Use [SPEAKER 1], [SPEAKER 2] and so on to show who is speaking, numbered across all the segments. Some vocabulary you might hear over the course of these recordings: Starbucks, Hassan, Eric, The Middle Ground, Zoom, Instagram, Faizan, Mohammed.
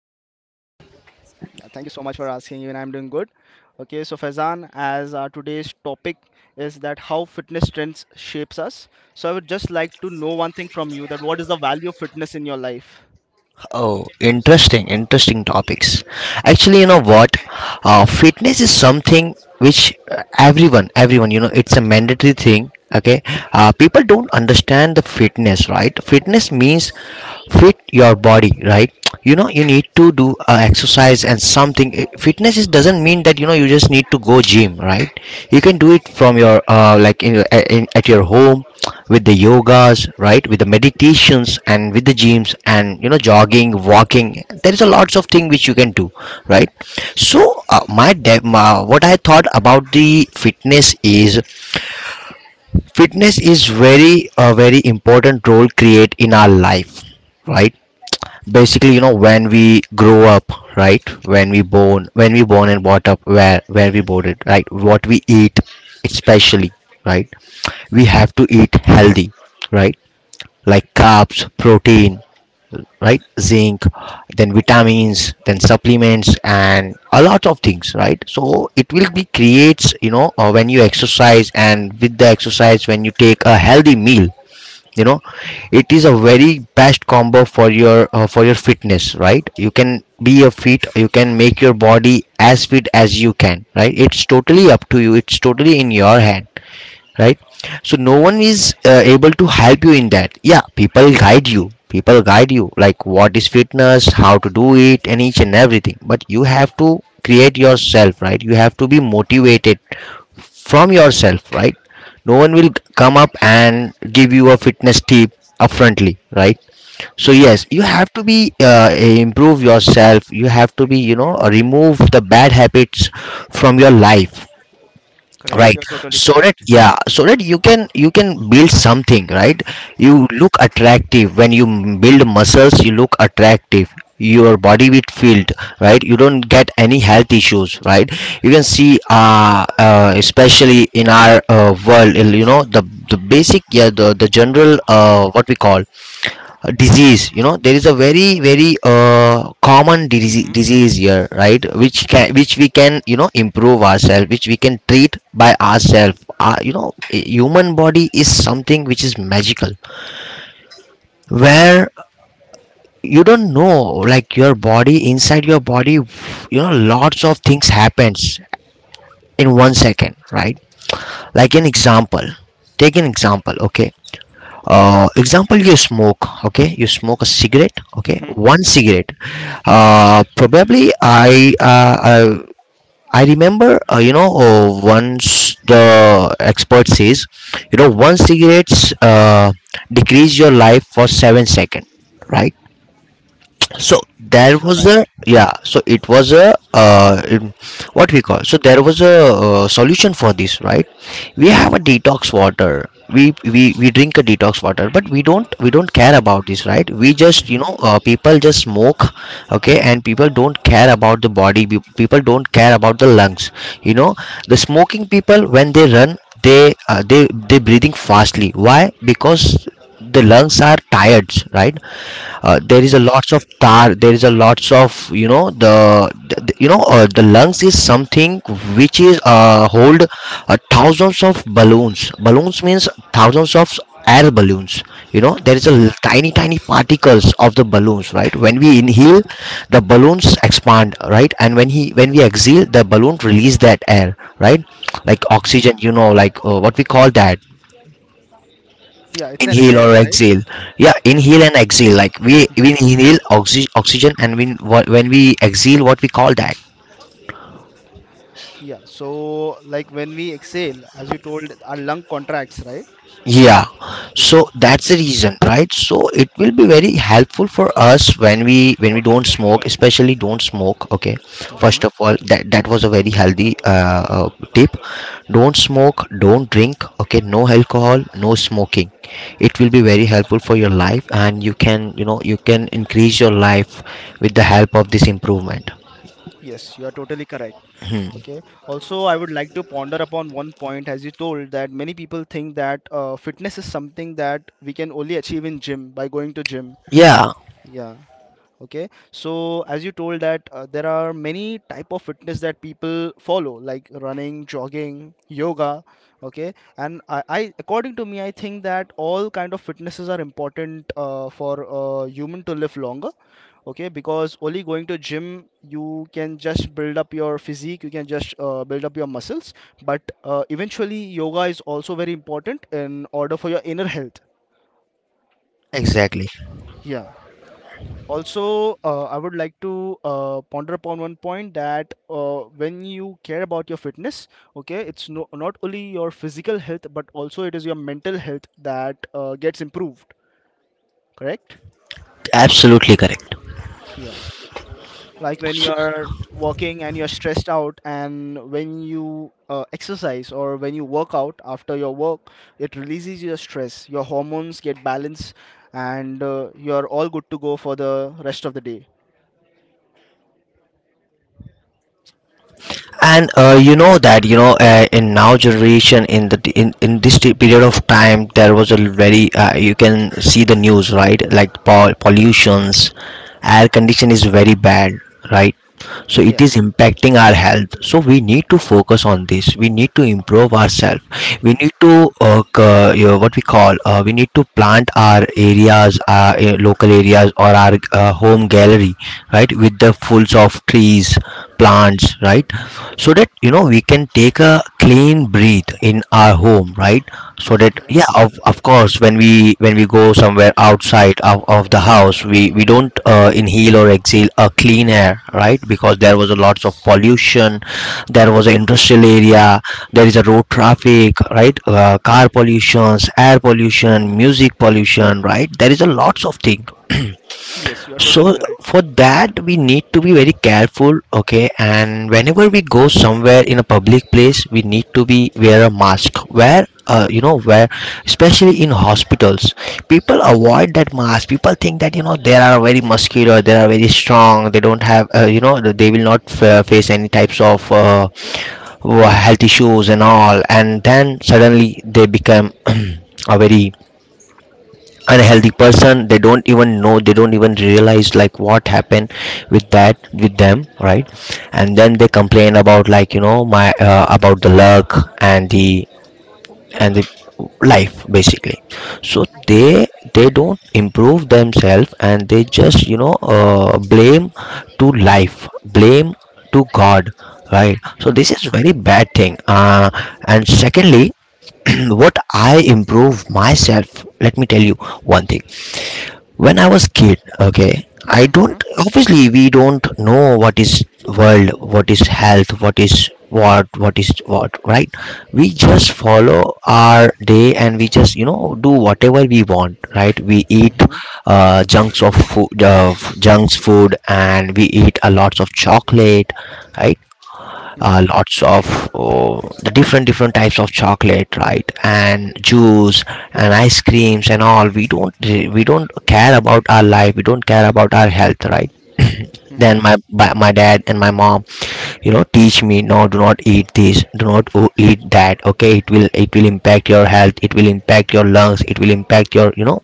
[SPEAKER 1] today?
[SPEAKER 2] Yeah, thank you so much for asking. Even I'm doing good. Okay, so Faizan, as our today's topic is that how fitness trends shapes us. So I would just like to know one thing from you, that what is the value of fitness in your life?
[SPEAKER 1] Oh, interesting, interesting topics. Actually, you know what? Fitness is something which everyone, you know, it's a mandatory thing. Okay, people don't understand the fitness, right? Fitness means fit your body, right? You know, you need to do exercise and something. Fitness just doesn't mean that you know you just need to go gym, right? You can do it from your like in at your home with the yogas, right, with the meditations and with the gyms and you know jogging, walking. There is a lots of thing which you can do, right. So my what I thought about the fitness is very a very important role create in our life, right. Basically, you know, when we grow up, right, when we born, when we born and brought up, where we boarded, right, what we eat especially, right. We have to eat healthy, right, like carbs, protein, right, zinc, then vitamins, then supplements and a lot of things, right. So it will be creates, you know, when you exercise and with the exercise when you take a healthy meal, you know, it is a very best combo for your for your fitness, right. You can be a fit, you can make your body as fit as you can, right. It's totally up to you, it's totally in your hand, right. So no one is able to help you in that, yeah, people guide you, people guide you like what is fitness, how to do it and each and everything, but you have to create yourself, right. You have to be motivated from yourself, right. No one will come up and give you a fitness tip upfrontly, right. So yes, you
[SPEAKER 2] Hmm.
[SPEAKER 1] have to be improve yourself, you have to be, you know, remove the bad habits from your life,
[SPEAKER 2] Correct.
[SPEAKER 1] right.
[SPEAKER 2] You're totally
[SPEAKER 1] So that,
[SPEAKER 2] correct.
[SPEAKER 1] yeah, so that you can, you can build something, right. You
[SPEAKER 2] Mhm.
[SPEAKER 1] look attractive when you build muscles, you look attractive, your body will filled, right. You don't get any health issues, right. You can see especially in our world, you know, the basic, yeah, the general what we call disease, you know, there is a very common disease,
[SPEAKER 2] Mhm.
[SPEAKER 1] disease here, right, which can, which we can, you know, improve ourselves, which we can treat by ourselves, you know, human body is something which is magical, where you don't know, like your body, inside your body, you know, lots of things happens in 1 second, right. Like an example, take an example, okay, example you smoke, okay, you smoke a cigarette, okay,
[SPEAKER 2] Mhm.
[SPEAKER 1] one cigarette, probably I remember you know once the expert says, you know, one cigarettes decrease your life for 7 seconds, right. So there
[SPEAKER 2] Yes, you're
[SPEAKER 1] was
[SPEAKER 2] right.
[SPEAKER 1] a, yeah, so it was a what we call, so there was a solution for this, right. We have a detox water, we drink a detox water, but we don't, we don't care about this, right. We just, you
[SPEAKER 2] Mhm.
[SPEAKER 1] know, people just smoke, okay. And people don't care about the body, people don't care about the lungs, you know. The smoking people, when they run, they they breathing fastly, why? Because the lungs are tired, right. There is a lots of
[SPEAKER 2] Yes.
[SPEAKER 1] tar, there is a lots of, you know, the you know the lungs is something which is hold thousands of balloons, balloons means thousands of air balloons, you know. There is a l-
[SPEAKER 2] Mhm.
[SPEAKER 1] tiny tiny particles of the balloons, right. When we inhale, the balloons expand, right. And when we exhale, the balloon release that air, right, like
[SPEAKER 2] Mhm.
[SPEAKER 1] oxygen, you know, like what we call that,
[SPEAKER 2] Yeah, it's an
[SPEAKER 1] inhale
[SPEAKER 2] air,
[SPEAKER 1] or
[SPEAKER 2] right?
[SPEAKER 1] exhale? Yeah,
[SPEAKER 2] Yeah.
[SPEAKER 1] inhale and exhale, like we inhale oxygen, and when we exhale, what we call that?
[SPEAKER 2] Yeah. So like when we exhale, as you told, our lung contracts, right?
[SPEAKER 1] Yeah,
[SPEAKER 2] Yeah.
[SPEAKER 1] so that's the reason, right? So it will be very helpful for us when we don't smoke, especially don't smoke. Okay,
[SPEAKER 2] Hmm.
[SPEAKER 1] first of all, that was a very healthy tip. Don't smoke, don't drink. Okay, no alcohol, no smoking. It will be very helpful for your life, and you can, you know, you can increase your life with the help of this improvement.
[SPEAKER 2] Yes, you are totally correct. Okay. Also, I would like to ponder upon one point, as you told, that many people think that fitness is something that we can only achieve in gym by going to gym.
[SPEAKER 1] Yeah,
[SPEAKER 2] Yeah. Okay. So, as you told that there are many type of fitness that people follow, like running, jogging, yoga. Okay. And I according to me, I think that all kind of fitnesses are important for human to live longer, okay, because only going to gym you can just build up your physique, you can just build up your muscles, but eventually yoga is also very important in order for your inner health.
[SPEAKER 1] exactly,
[SPEAKER 2] Yeah. Also, I would like to ponder upon one point that when you care about your fitness, okay, it's not only your physical health but also it is your mental health that gets improved. Correct.
[SPEAKER 1] absolutely correct.
[SPEAKER 2] Yeah, like when you are working and you're stressed out and when you exercise or when you work out after your work, it releases your stress, your hormones get balanced, and you're all good to go for the rest of the day.
[SPEAKER 1] And you know that you know in now generation in in this period of time there was a very you can see the news, right, like pollutions, air condition is very bad, right. So it
[SPEAKER 2] Yeah.
[SPEAKER 1] is impacting our health, so we need to focus on this, we need to improve ourselves. We
[SPEAKER 2] Hmm.
[SPEAKER 1] need to you know, what we call, we need to plant our areas, our local areas or our home gallery, right, with the fulls of trees, plants, right. So that you know we can take a clean breath in our home, right. So that,
[SPEAKER 2] Yeah.
[SPEAKER 1] yeah, of course when we, when we go somewhere outside of the house, we don't inhale or exhale a clean air, right, because there was a lots of
[SPEAKER 2] Yes.
[SPEAKER 1] pollution, there was an industrial area, there is a road traffic, right. Car pollutions, air pollution, music pollution, right, there is a lots of thing.
[SPEAKER 2] Yes, you're totally
[SPEAKER 1] So
[SPEAKER 2] correct.
[SPEAKER 1] for that we need to be very careful, okay. And whenever we go somewhere in a public place we need to be wear a mask, where you know, where especially in hospitals people avoid that mask. People think that you know they are very muscular, they are very strong, they don't have you know they will not face any types of health issues and all, and then suddenly they become a very unhealthy person. They don't even know, they don't even realize like what happened with that, with them, right. And then they complain about like, you know, my about the luck and the life basically. So
[SPEAKER 2] Yeah.
[SPEAKER 1] they don't improve themselves and they just, you know, blame to life, blame to god, right. So this is
[SPEAKER 2] Mm-hmm.
[SPEAKER 1] very bad thing, and secondly what I improve myself, let me tell you one thing. When I was kid, okay, I
[SPEAKER 2] Mm-hmm.
[SPEAKER 1] don't, obviously we don't know what is world, what is health, what is what is what, right. We just follow our day and we just, you know, do whatever we want, right. We eat
[SPEAKER 2] Mm-hmm.
[SPEAKER 1] junks of food, junks food, and we eat a lots of chocolate, right.
[SPEAKER 2] Mm-hmm.
[SPEAKER 1] Lots of, oh, the different different types of chocolate, right, and juice and ice creams and all. We don't, we don't care about our life, we don't care about our health, right.
[SPEAKER 2] Mm-hmm.
[SPEAKER 1] Then my dad and my mom, you know, teach me, no, do not eat this, do not eat that, okay, it will, it will impact your health, it will impact your lungs, it will impact your, you know,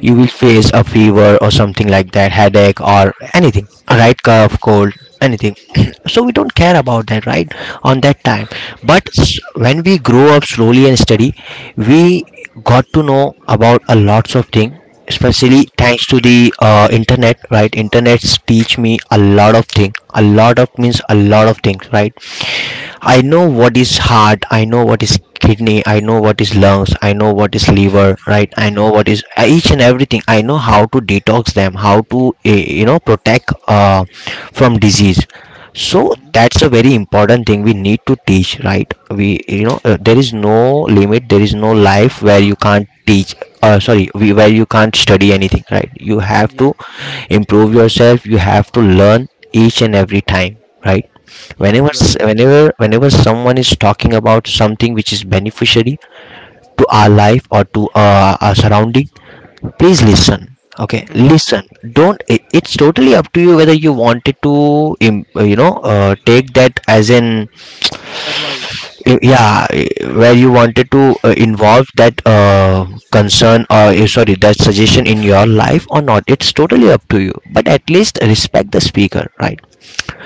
[SPEAKER 1] you will face a fever or something like that, headache or anything, right, cough, cold, anything. So we don't care about that, right, on that time. But when we grow up slowly and study, we got to know about a lots of thing, especially thanks to the internet, right. Internets teach me a lot of things. A lot of means a lot of things, right.
[SPEAKER 2] Mm-hmm.
[SPEAKER 1] I know what is heart, I know what is kidney, I know what is lungs, I know what is liver, right. I know what is each and everything, I know how to detox them, how to you know, protect from disease. So
[SPEAKER 2] Mm-hmm.
[SPEAKER 1] that's a very important thing we need to teach, right. We, you know, there is no limit, there is no life where you can't teach, sorry, we, where you can't study anything, right. You have
[SPEAKER 2] Yeah,
[SPEAKER 1] to improve yourself, you have to learn each and every time, right.
[SPEAKER 2] yeah,
[SPEAKER 1] Whenever
[SPEAKER 2] you're
[SPEAKER 1] s-
[SPEAKER 2] right.
[SPEAKER 1] whenever whenever someone is talking about something which is beneficiary to our life or to our surrounding, please listen, okay,
[SPEAKER 2] Mm-hmm.
[SPEAKER 1] listen. Don't it's totally up to you, whether you wanted to you know take that as in,
[SPEAKER 2] Advice.
[SPEAKER 1] yeah, where you wanted to
[SPEAKER 2] Mm-hmm.
[SPEAKER 1] involve that concern or sorry, that suggestion in your life or not, it's totally up to you, but at least respect the speaker, right.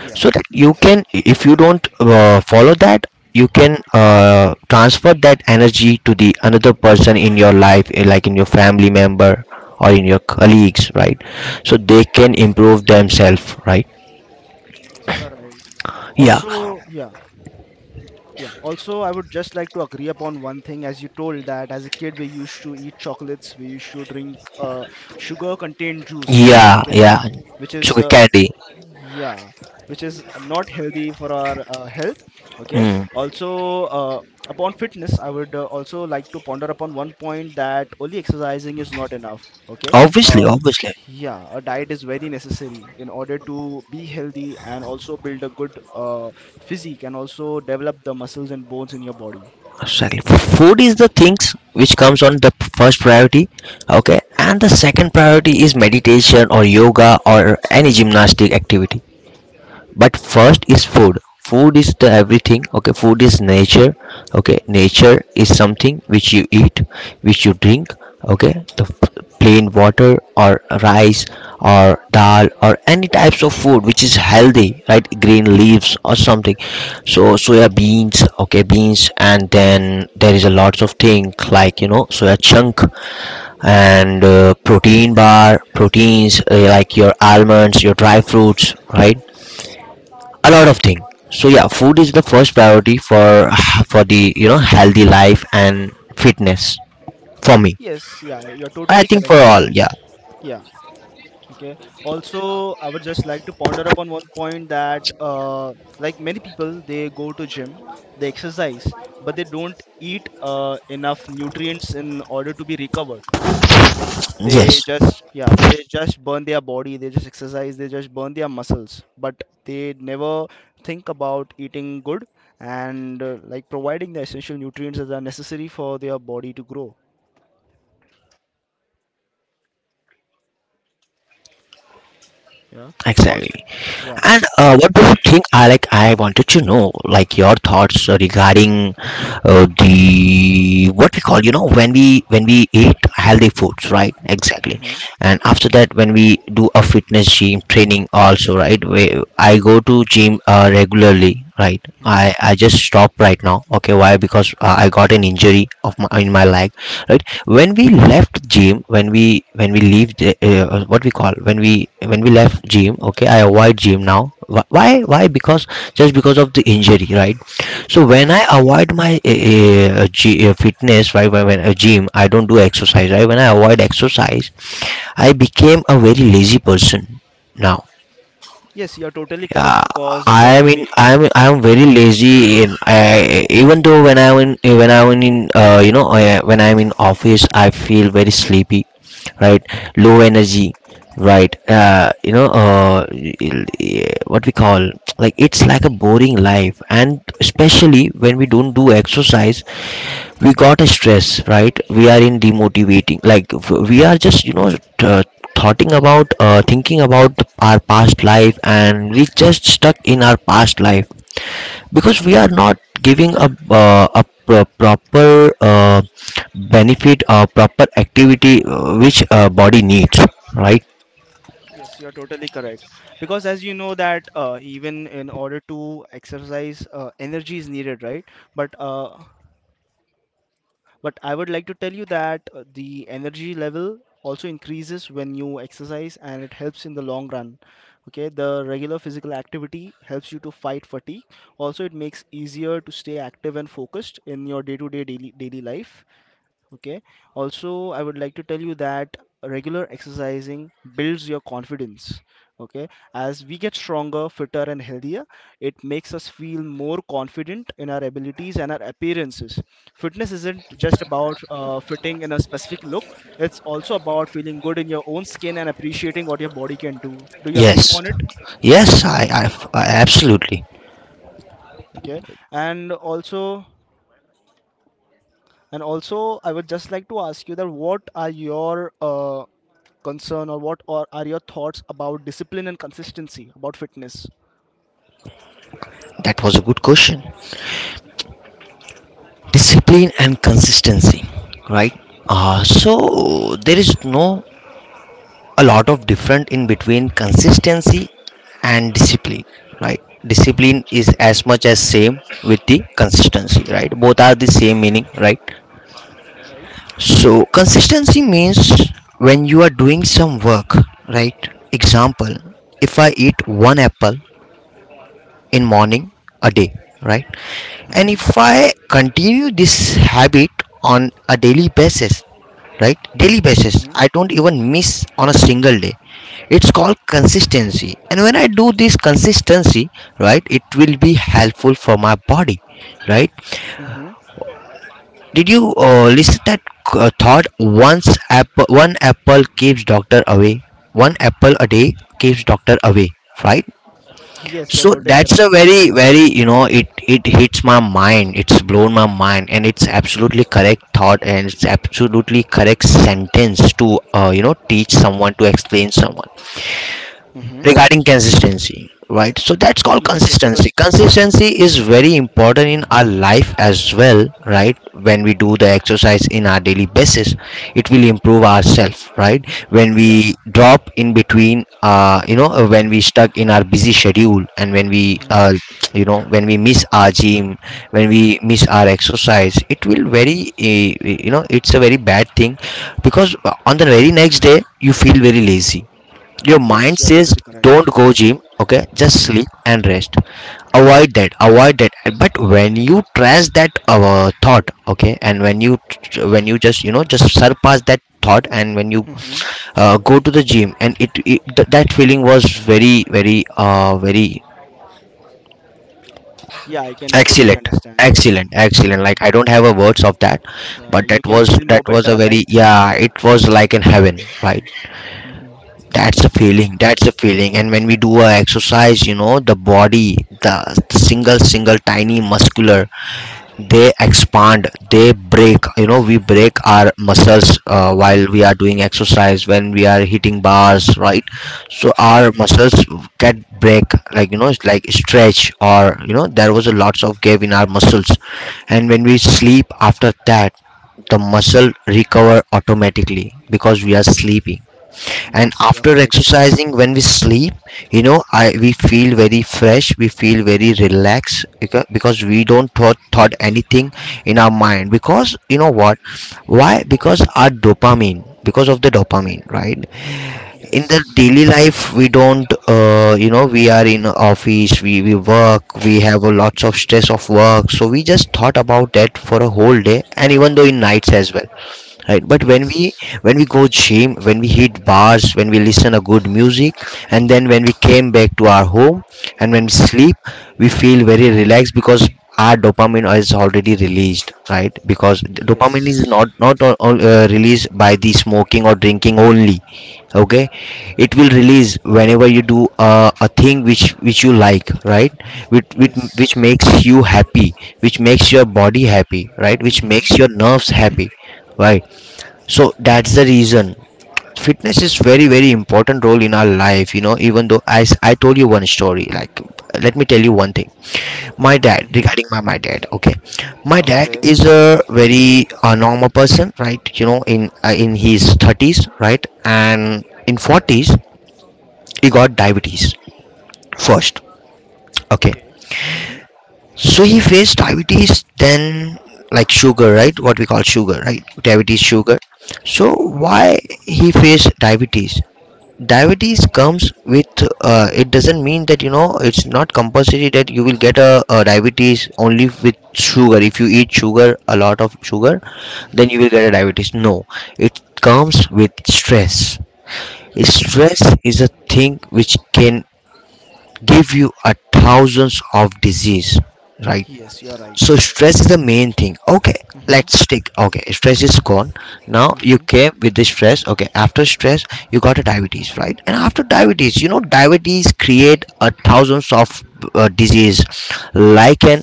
[SPEAKER 2] Yeah.
[SPEAKER 1] So that you can, if you don't follow that, you can transfer that energy to the another person in your life, like in your family member or in your colleagues, right. So they can improve themselves, right.
[SPEAKER 2] Yes, you're right.
[SPEAKER 1] Yeah,
[SPEAKER 2] Also, yeah. Yeah. Also, I would just like to agree upon one thing. As you told that as a kid, we used to eat chocolates, we used to drink sugar-contained juices,
[SPEAKER 1] yeah,
[SPEAKER 2] okay,
[SPEAKER 1] yeah.
[SPEAKER 2] which is
[SPEAKER 1] Sugar candy.
[SPEAKER 2] yeah, which is not healthy for our health, okay.
[SPEAKER 1] Mm.
[SPEAKER 2] Also, uh, upon fitness I would also like to ponder upon one point, that only exercising is not enough, okay.
[SPEAKER 1] obviously
[SPEAKER 2] uh,
[SPEAKER 1] obviously
[SPEAKER 2] yeah, a diet is very necessary in order to be healthy and also build a good uh, physique and also develop the muscles and bones in your body.
[SPEAKER 1] exactly, food is the things which comes on the first priority. Okay, and the second priority is meditation or yoga or any gymnastic activity. But first is food. Food is the everything. Okay, food is nature. Okay, nature is something which you eat, which you drink. Okay, the plain water or rice or dal or any types of food which is healthy, right? Green leaves or something. So soya beans. Okay, beans. And then there is a lots of things like, soya chunk and protein bar proteins, like your almonds, your dry fruits, right? A lot of things. So yeah, food is the first priority for for the, you know, healthy life and fitness for me.
[SPEAKER 2] Yes. Yeah, you're
[SPEAKER 1] I
[SPEAKER 2] totally
[SPEAKER 1] think for
[SPEAKER 2] correct,
[SPEAKER 1] all.
[SPEAKER 2] Fazam.
[SPEAKER 1] Yeah.
[SPEAKER 2] Yeah. Okay. Also, I would just like to ponder upon one point, that, like many people, they go to gym, they exercise, but they don't eat enough nutrients in order to be recovered. Okay. They
[SPEAKER 1] Yes.
[SPEAKER 2] just, yeah, they just burn their body, they just exercise, they just burn their muscles, but they never think about eating good and like providing the essential nutrients that are necessary for their body to grow.
[SPEAKER 1] Exactly.
[SPEAKER 2] Yeah.
[SPEAKER 1] And
[SPEAKER 2] Also,
[SPEAKER 1] what do you
[SPEAKER 2] yeah.
[SPEAKER 1] think? I like. I wanted to know, like, your thoughts regarding the what we call, you know, when we eat healthy foods, right? Exactly.
[SPEAKER 2] Hmm.
[SPEAKER 1] And after that, when we do a fitness gym training, also, right? I go to gym regularly, right?
[SPEAKER 2] Hmm.
[SPEAKER 1] I just stop right now. Okay, why? Because I got an injury of my, in my leg, right? When we left gym, when we leave the, what we call, when we left gym. Okay, I avoid gym now. Why because just because of the injury, right? So when I
[SPEAKER 2] Yes.
[SPEAKER 1] avoid my fitness, right? When a gym, I don't do exercise, right? When I avoid exercise, I became a very lazy person now.
[SPEAKER 2] Yes, you're totally correct because
[SPEAKER 1] I
[SPEAKER 2] when
[SPEAKER 1] mean,
[SPEAKER 2] we.
[SPEAKER 1] I'm very lazy. In I, even though when I'm in, when I'm in, you know, when I'm in office, I feel very sleepy, right? Low energy, right? You know, what we call, like it's like a boring life, and especially when we don't do exercise, we got a stress, right? We are in demotivating, like we are just, you know. Uh, thoughting about thinking about our past life, and we just stuck in our past life because we are not giving a proper benefit or proper activity, which body needs, right?
[SPEAKER 2] Yes, you're totally correct. Because as you know that even in order to exercise, energy is needed, right? But uh, but I would like to tell you that the energy level also increases when you exercise, and it helps in the long run. Okay, the regular physical activity helps you to fight fatigue. Also, it makes easier to stay active and focused in your day-to-day daily life. Okay. Also, I would like to tell you that regular exercising builds your confidence. Okay. As we get stronger, fitter, and healthier, it makes us feel more confident in our abilities and our appearances. Fitness isn't just about fitting in a specific look, it's also about feeling good in your own skin and appreciating what your body can do. Do you agree
[SPEAKER 1] Yes,
[SPEAKER 2] upon it?
[SPEAKER 1] yes, I absolutely.
[SPEAKER 2] Okay. And also, And also, I would just like to ask you, that what are your concern or what or are your thoughts about discipline and consistency about fitness?
[SPEAKER 1] That was a good question. Discipline and consistency, right? So there is no a lot of difference in between consistency and discipline, right? Discipline is as much as same with the consistency, right? Both are the same meaning, right?
[SPEAKER 2] You are right.
[SPEAKER 1] So consistency means when you are doing some work, right? Example, if I eat one apple in morning a day, right? And
[SPEAKER 2] Hmm.
[SPEAKER 1] if I continue this habit on a daily basis, right? Daily basis,
[SPEAKER 2] Hmm.
[SPEAKER 1] I don't even miss on a single day. It's called consistency. And when I do this consistency, right, it will be helpful for my body, right?
[SPEAKER 2] Hmm.
[SPEAKER 1] Did you listen that thought, once apple, one apple keeps doctor away. One apple a day keeps doctor away, right?
[SPEAKER 2] Yes, you're
[SPEAKER 1] So
[SPEAKER 2] totally
[SPEAKER 1] that's a
[SPEAKER 2] right.
[SPEAKER 1] very very, you know, it hits my mind, it's blown my mind, and it's absolutely correct thought, and it's absolutely correct sentence to, you know, teach someone, to explain someone,
[SPEAKER 2] Hmm.
[SPEAKER 1] regarding consistency, right? So that's called
[SPEAKER 2] Yes, you're
[SPEAKER 1] consistency.
[SPEAKER 2] totally correct.
[SPEAKER 1] Consistency is very important in our life as well, right? When we do the exercise in our daily basis, it will improve ourselves, right? When
[SPEAKER 2] Yeah.
[SPEAKER 1] we drop in between, you know, when we stuck in our busy schedule, and when we,
[SPEAKER 2] Hmm.
[SPEAKER 1] you know, when we miss our gym, when we miss our exercise, it will very, you know, it's a very bad thing. Because on the very next day, you feel very lazy. Your mind
[SPEAKER 2] Yes, you're
[SPEAKER 1] says,
[SPEAKER 2] totally
[SPEAKER 1] don't
[SPEAKER 2] correct.
[SPEAKER 1] go gym, okay, just
[SPEAKER 2] Hmm.
[SPEAKER 1] sleep and rest, avoid that, avoid that. But when you trash that thought, okay, and when you, when you just, you know, just surpass that thought, and when you
[SPEAKER 2] Hmm.
[SPEAKER 1] go to the gym, and that feeling was very very very
[SPEAKER 2] Yeah, I can totally
[SPEAKER 1] excellent.
[SPEAKER 2] understand. Yeah.
[SPEAKER 1] Excellent, excellent,
[SPEAKER 2] Hmm.
[SPEAKER 1] like I don't have a words of that.
[SPEAKER 2] Yeah,
[SPEAKER 1] But
[SPEAKER 2] you
[SPEAKER 1] that
[SPEAKER 2] can
[SPEAKER 1] was,
[SPEAKER 2] feel
[SPEAKER 1] that
[SPEAKER 2] more
[SPEAKER 1] was a
[SPEAKER 2] better,
[SPEAKER 1] very,
[SPEAKER 2] right?
[SPEAKER 1] yeah, it was like in heaven, right?
[SPEAKER 2] Hmm.
[SPEAKER 1] That's a
[SPEAKER 2] Yeah.
[SPEAKER 1] feeling. That's a feeling. And when we do a exercise, you know, the body, the single, single, tiny muscular, they expand, they break. You know, we break our muscles while
[SPEAKER 2] Hmm.
[SPEAKER 1] we are doing exercise. When we are hitting bars, right? So
[SPEAKER 2] Hmm.
[SPEAKER 1] our muscles get break, like you know, it's like stretch, or you know, there was a lots of gap in our muscles. And when we sleep after that, the muscle recover automatically because we are sleeping. And
[SPEAKER 2] Yes, you are
[SPEAKER 1] after
[SPEAKER 2] correct.
[SPEAKER 1] exercising, when we sleep, you know, I we feel very fresh, we feel very relaxed because we don't thought anything in our mind. Because you know what, why? Because our dopamine, because of the dopamine, right? In the
[SPEAKER 2] Yes.
[SPEAKER 1] daily life, we don't, you know, we are in office, we work, we have a lots of stress of work, so we just thought about that for a whole day, and even though in nights as well, right? But when we,
[SPEAKER 2] Yes.
[SPEAKER 1] when we go gym, when we hit bars, when we listen a good music, and then when we came back to our home, and when we sleep, we feel very relaxed because our dopamine is already released, right? Because dopamine is
[SPEAKER 2] Yes.
[SPEAKER 1] not, not released by the smoking or drinking only. Okay, it will release whenever you do a thing which you like, right? Which, which
[SPEAKER 2] Yes.
[SPEAKER 1] makes you happy, which makes your body happy, right? Which
[SPEAKER 2] Mm-hmm.
[SPEAKER 1] makes your nerves happy, right? So that's the reason fitness is very very important role in our life. You know, even though I told you one story, like, let me tell you one thing. My dad,
[SPEAKER 2] Mm-hmm.
[SPEAKER 1] regarding my dad. Okay, my dad
[SPEAKER 2] Okay.
[SPEAKER 1] is a very normal person, right? You know, in his 30s, right, and in 40s, he got diabetes first. Okay,
[SPEAKER 2] Okay. Mm-hmm.
[SPEAKER 1] so he faced diabetes then, like sugar, right? What we call, sugar, right? Diabetes,
[SPEAKER 2] Mm-hmm.
[SPEAKER 1] sugar. So why he faced diabetes? Diabetes comes with, it doesn't mean that, you know, it's not compulsory that you will get a diabetes only with sugar. If you eat sugar, a lot of sugar, then
[SPEAKER 2] Mm-hmm.
[SPEAKER 1] you will get a diabetes, no. It comes with stress. Stress
[SPEAKER 2] Yes.
[SPEAKER 1] is a thing which can give you a thousands of disease, right?
[SPEAKER 2] Yes, you are right.
[SPEAKER 1] So stress is the main thing. Okay,
[SPEAKER 2] Mm-hmm.
[SPEAKER 1] let's stick. Okay, stress is gone. Now you
[SPEAKER 2] Mm-hmm.
[SPEAKER 1] came with the stress. Okay, after stress you got a diabetes, right? And after diabetes, you know, diabetes create a thousands of disease, like an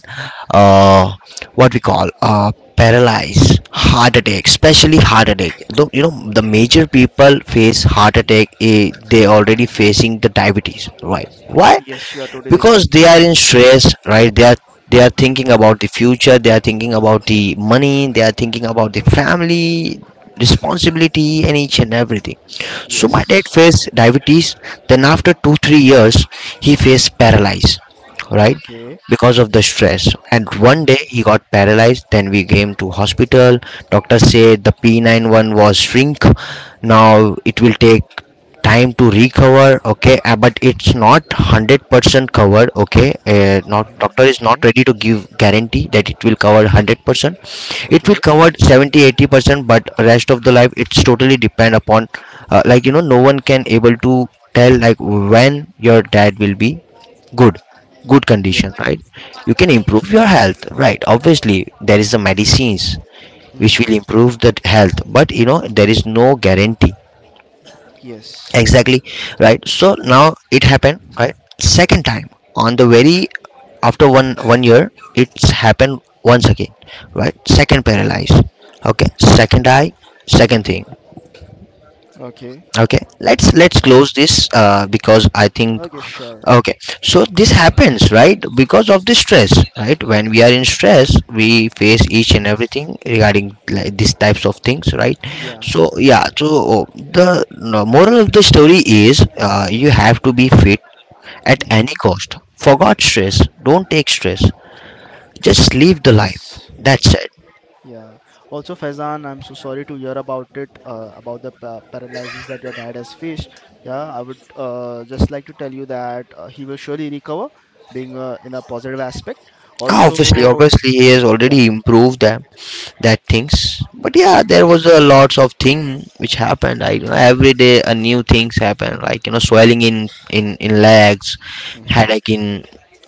[SPEAKER 1] uh, what we call, paralyze, heart attack, especially heart attack. Though you know, the major people face heart attack, they already facing the diabetes, right? Why?
[SPEAKER 2] Yes, you are totally right.
[SPEAKER 1] Because they are in stress, right? They are, they are thinking about the future, they are thinking about the money, they are thinking about the family responsibility and each and everything. So my dad
[SPEAKER 2] Yes.
[SPEAKER 1] faced diabetes, then after
[SPEAKER 2] Mm-hmm.
[SPEAKER 1] 2 3 years, he faced paralyzed, right,
[SPEAKER 2] Okay.
[SPEAKER 1] because of the stress. And one day
[SPEAKER 2] Mm-hmm.
[SPEAKER 1] he got paralyzed, then we came to hospital. Doctor said the p91 was shrink. Now it will take time to recover. Okay, but it's not 100% covered. Okay, not, doctor
[SPEAKER 2] Mm-hmm.
[SPEAKER 1] is not
[SPEAKER 2] Okay.
[SPEAKER 1] ready to give guarantee that it will cover 100%. It will
[SPEAKER 2] Okay.
[SPEAKER 1] cover 70, 80%, but rest of the life, it's totally depend upon, like you know, no one can able to tell, like, when your dad will be good, good condition,
[SPEAKER 2] Yeah.
[SPEAKER 1] right? You can improve
[SPEAKER 2] Okay.
[SPEAKER 1] your health, right? Obviously, there is the medicines which
[SPEAKER 2] Mm-hmm.
[SPEAKER 1] will improve the health, but you know, there is no guarantee.
[SPEAKER 2] Yes.
[SPEAKER 1] Exactly, right? So now it happened, right, second time. On the very after one year, it's happened once again, right? Second paralyze. Okay, second eye, second thing.
[SPEAKER 2] Okay.
[SPEAKER 1] Okay, let's
[SPEAKER 2] Yeah.
[SPEAKER 1] close this because I think.
[SPEAKER 2] Okay, sure.
[SPEAKER 1] Okay, so this happens right because of the stress, right? When we are in stress, we face each and
[SPEAKER 2] Mm-hmm.
[SPEAKER 1] everything regarding like these types of things, right?
[SPEAKER 2] Yeah.
[SPEAKER 1] So yeah, so the no, moral of the story is you have to be fit at any
[SPEAKER 2] Mm-hmm.
[SPEAKER 1] cost. Forgot stress, don't take stress. Just live the life.
[SPEAKER 2] Yes.
[SPEAKER 1] That's it.
[SPEAKER 2] Yeah. Also, Faizan, I'm so sorry to hear about it, about the pa paralysis that your dad has faced. Yeah, I would just like to tell you that he will surely recover, being in a positive aspect.
[SPEAKER 1] Ah, obviously,
[SPEAKER 2] Also,
[SPEAKER 1] obviously, he has
[SPEAKER 2] yeah.
[SPEAKER 1] already improved them, that things. But yeah, there was a lots of thing which happened. I, you know, every day a new things happen, like you know, swelling in in legs,
[SPEAKER 2] Mhm.
[SPEAKER 1] headache in,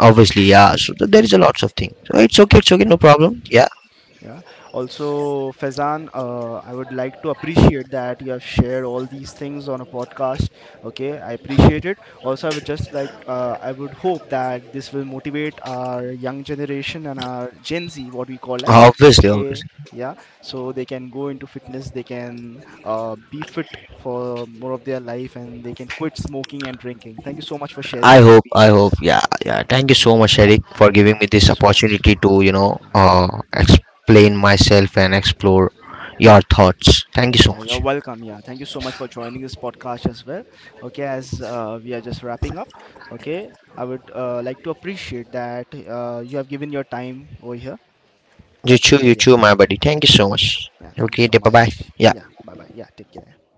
[SPEAKER 1] obviously, yeah, so there is a lots of thing, so it's okay, it's okay, no problem. Yeah,
[SPEAKER 2] Yeah. Also, Faizan, I would like to appreciate that you have shared all these things on a podcast. Okay, I appreciate it. Also, I would just like, I would hope that this will motivate our young generation and our Gen Z, what we call as.
[SPEAKER 1] obviously,
[SPEAKER 2] Okay,
[SPEAKER 1] obviously,
[SPEAKER 2] yeah. So they can go into fitness, they can be fit for more of their life, and they can quit smoking and drinking. Thank you so much for sharing
[SPEAKER 1] I
[SPEAKER 2] your
[SPEAKER 1] hope, I
[SPEAKER 2] experience.
[SPEAKER 1] hope. Yeah,
[SPEAKER 2] Yeah,
[SPEAKER 1] yeah, thank you so much, Eric, for
[SPEAKER 2] yeah.
[SPEAKER 1] giving me
[SPEAKER 2] Thank
[SPEAKER 1] this
[SPEAKER 2] you so much.
[SPEAKER 1] opportunity to, you know,
[SPEAKER 2] Yeah.
[SPEAKER 1] explain myself and explore your thoughts. Thank you
[SPEAKER 2] Yeah,
[SPEAKER 1] so
[SPEAKER 2] yeah, you're
[SPEAKER 1] much.
[SPEAKER 2] welcome. Yeah, thank you so much for joining this podcast as well. Okay, as we are just wrapping up, okay, I would like to appreciate that you have given your time over here.
[SPEAKER 1] You
[SPEAKER 2] That's
[SPEAKER 1] too,
[SPEAKER 2] all.
[SPEAKER 1] you
[SPEAKER 2] Yeah,
[SPEAKER 1] too, my buddy. Thank you so much.
[SPEAKER 2] yeah, yeah. Thank you
[SPEAKER 1] Okay,
[SPEAKER 2] so
[SPEAKER 1] bye
[SPEAKER 2] much.
[SPEAKER 1] bye.
[SPEAKER 2] Yeah,
[SPEAKER 1] Yeah.
[SPEAKER 2] bye bye. Yeah, take care.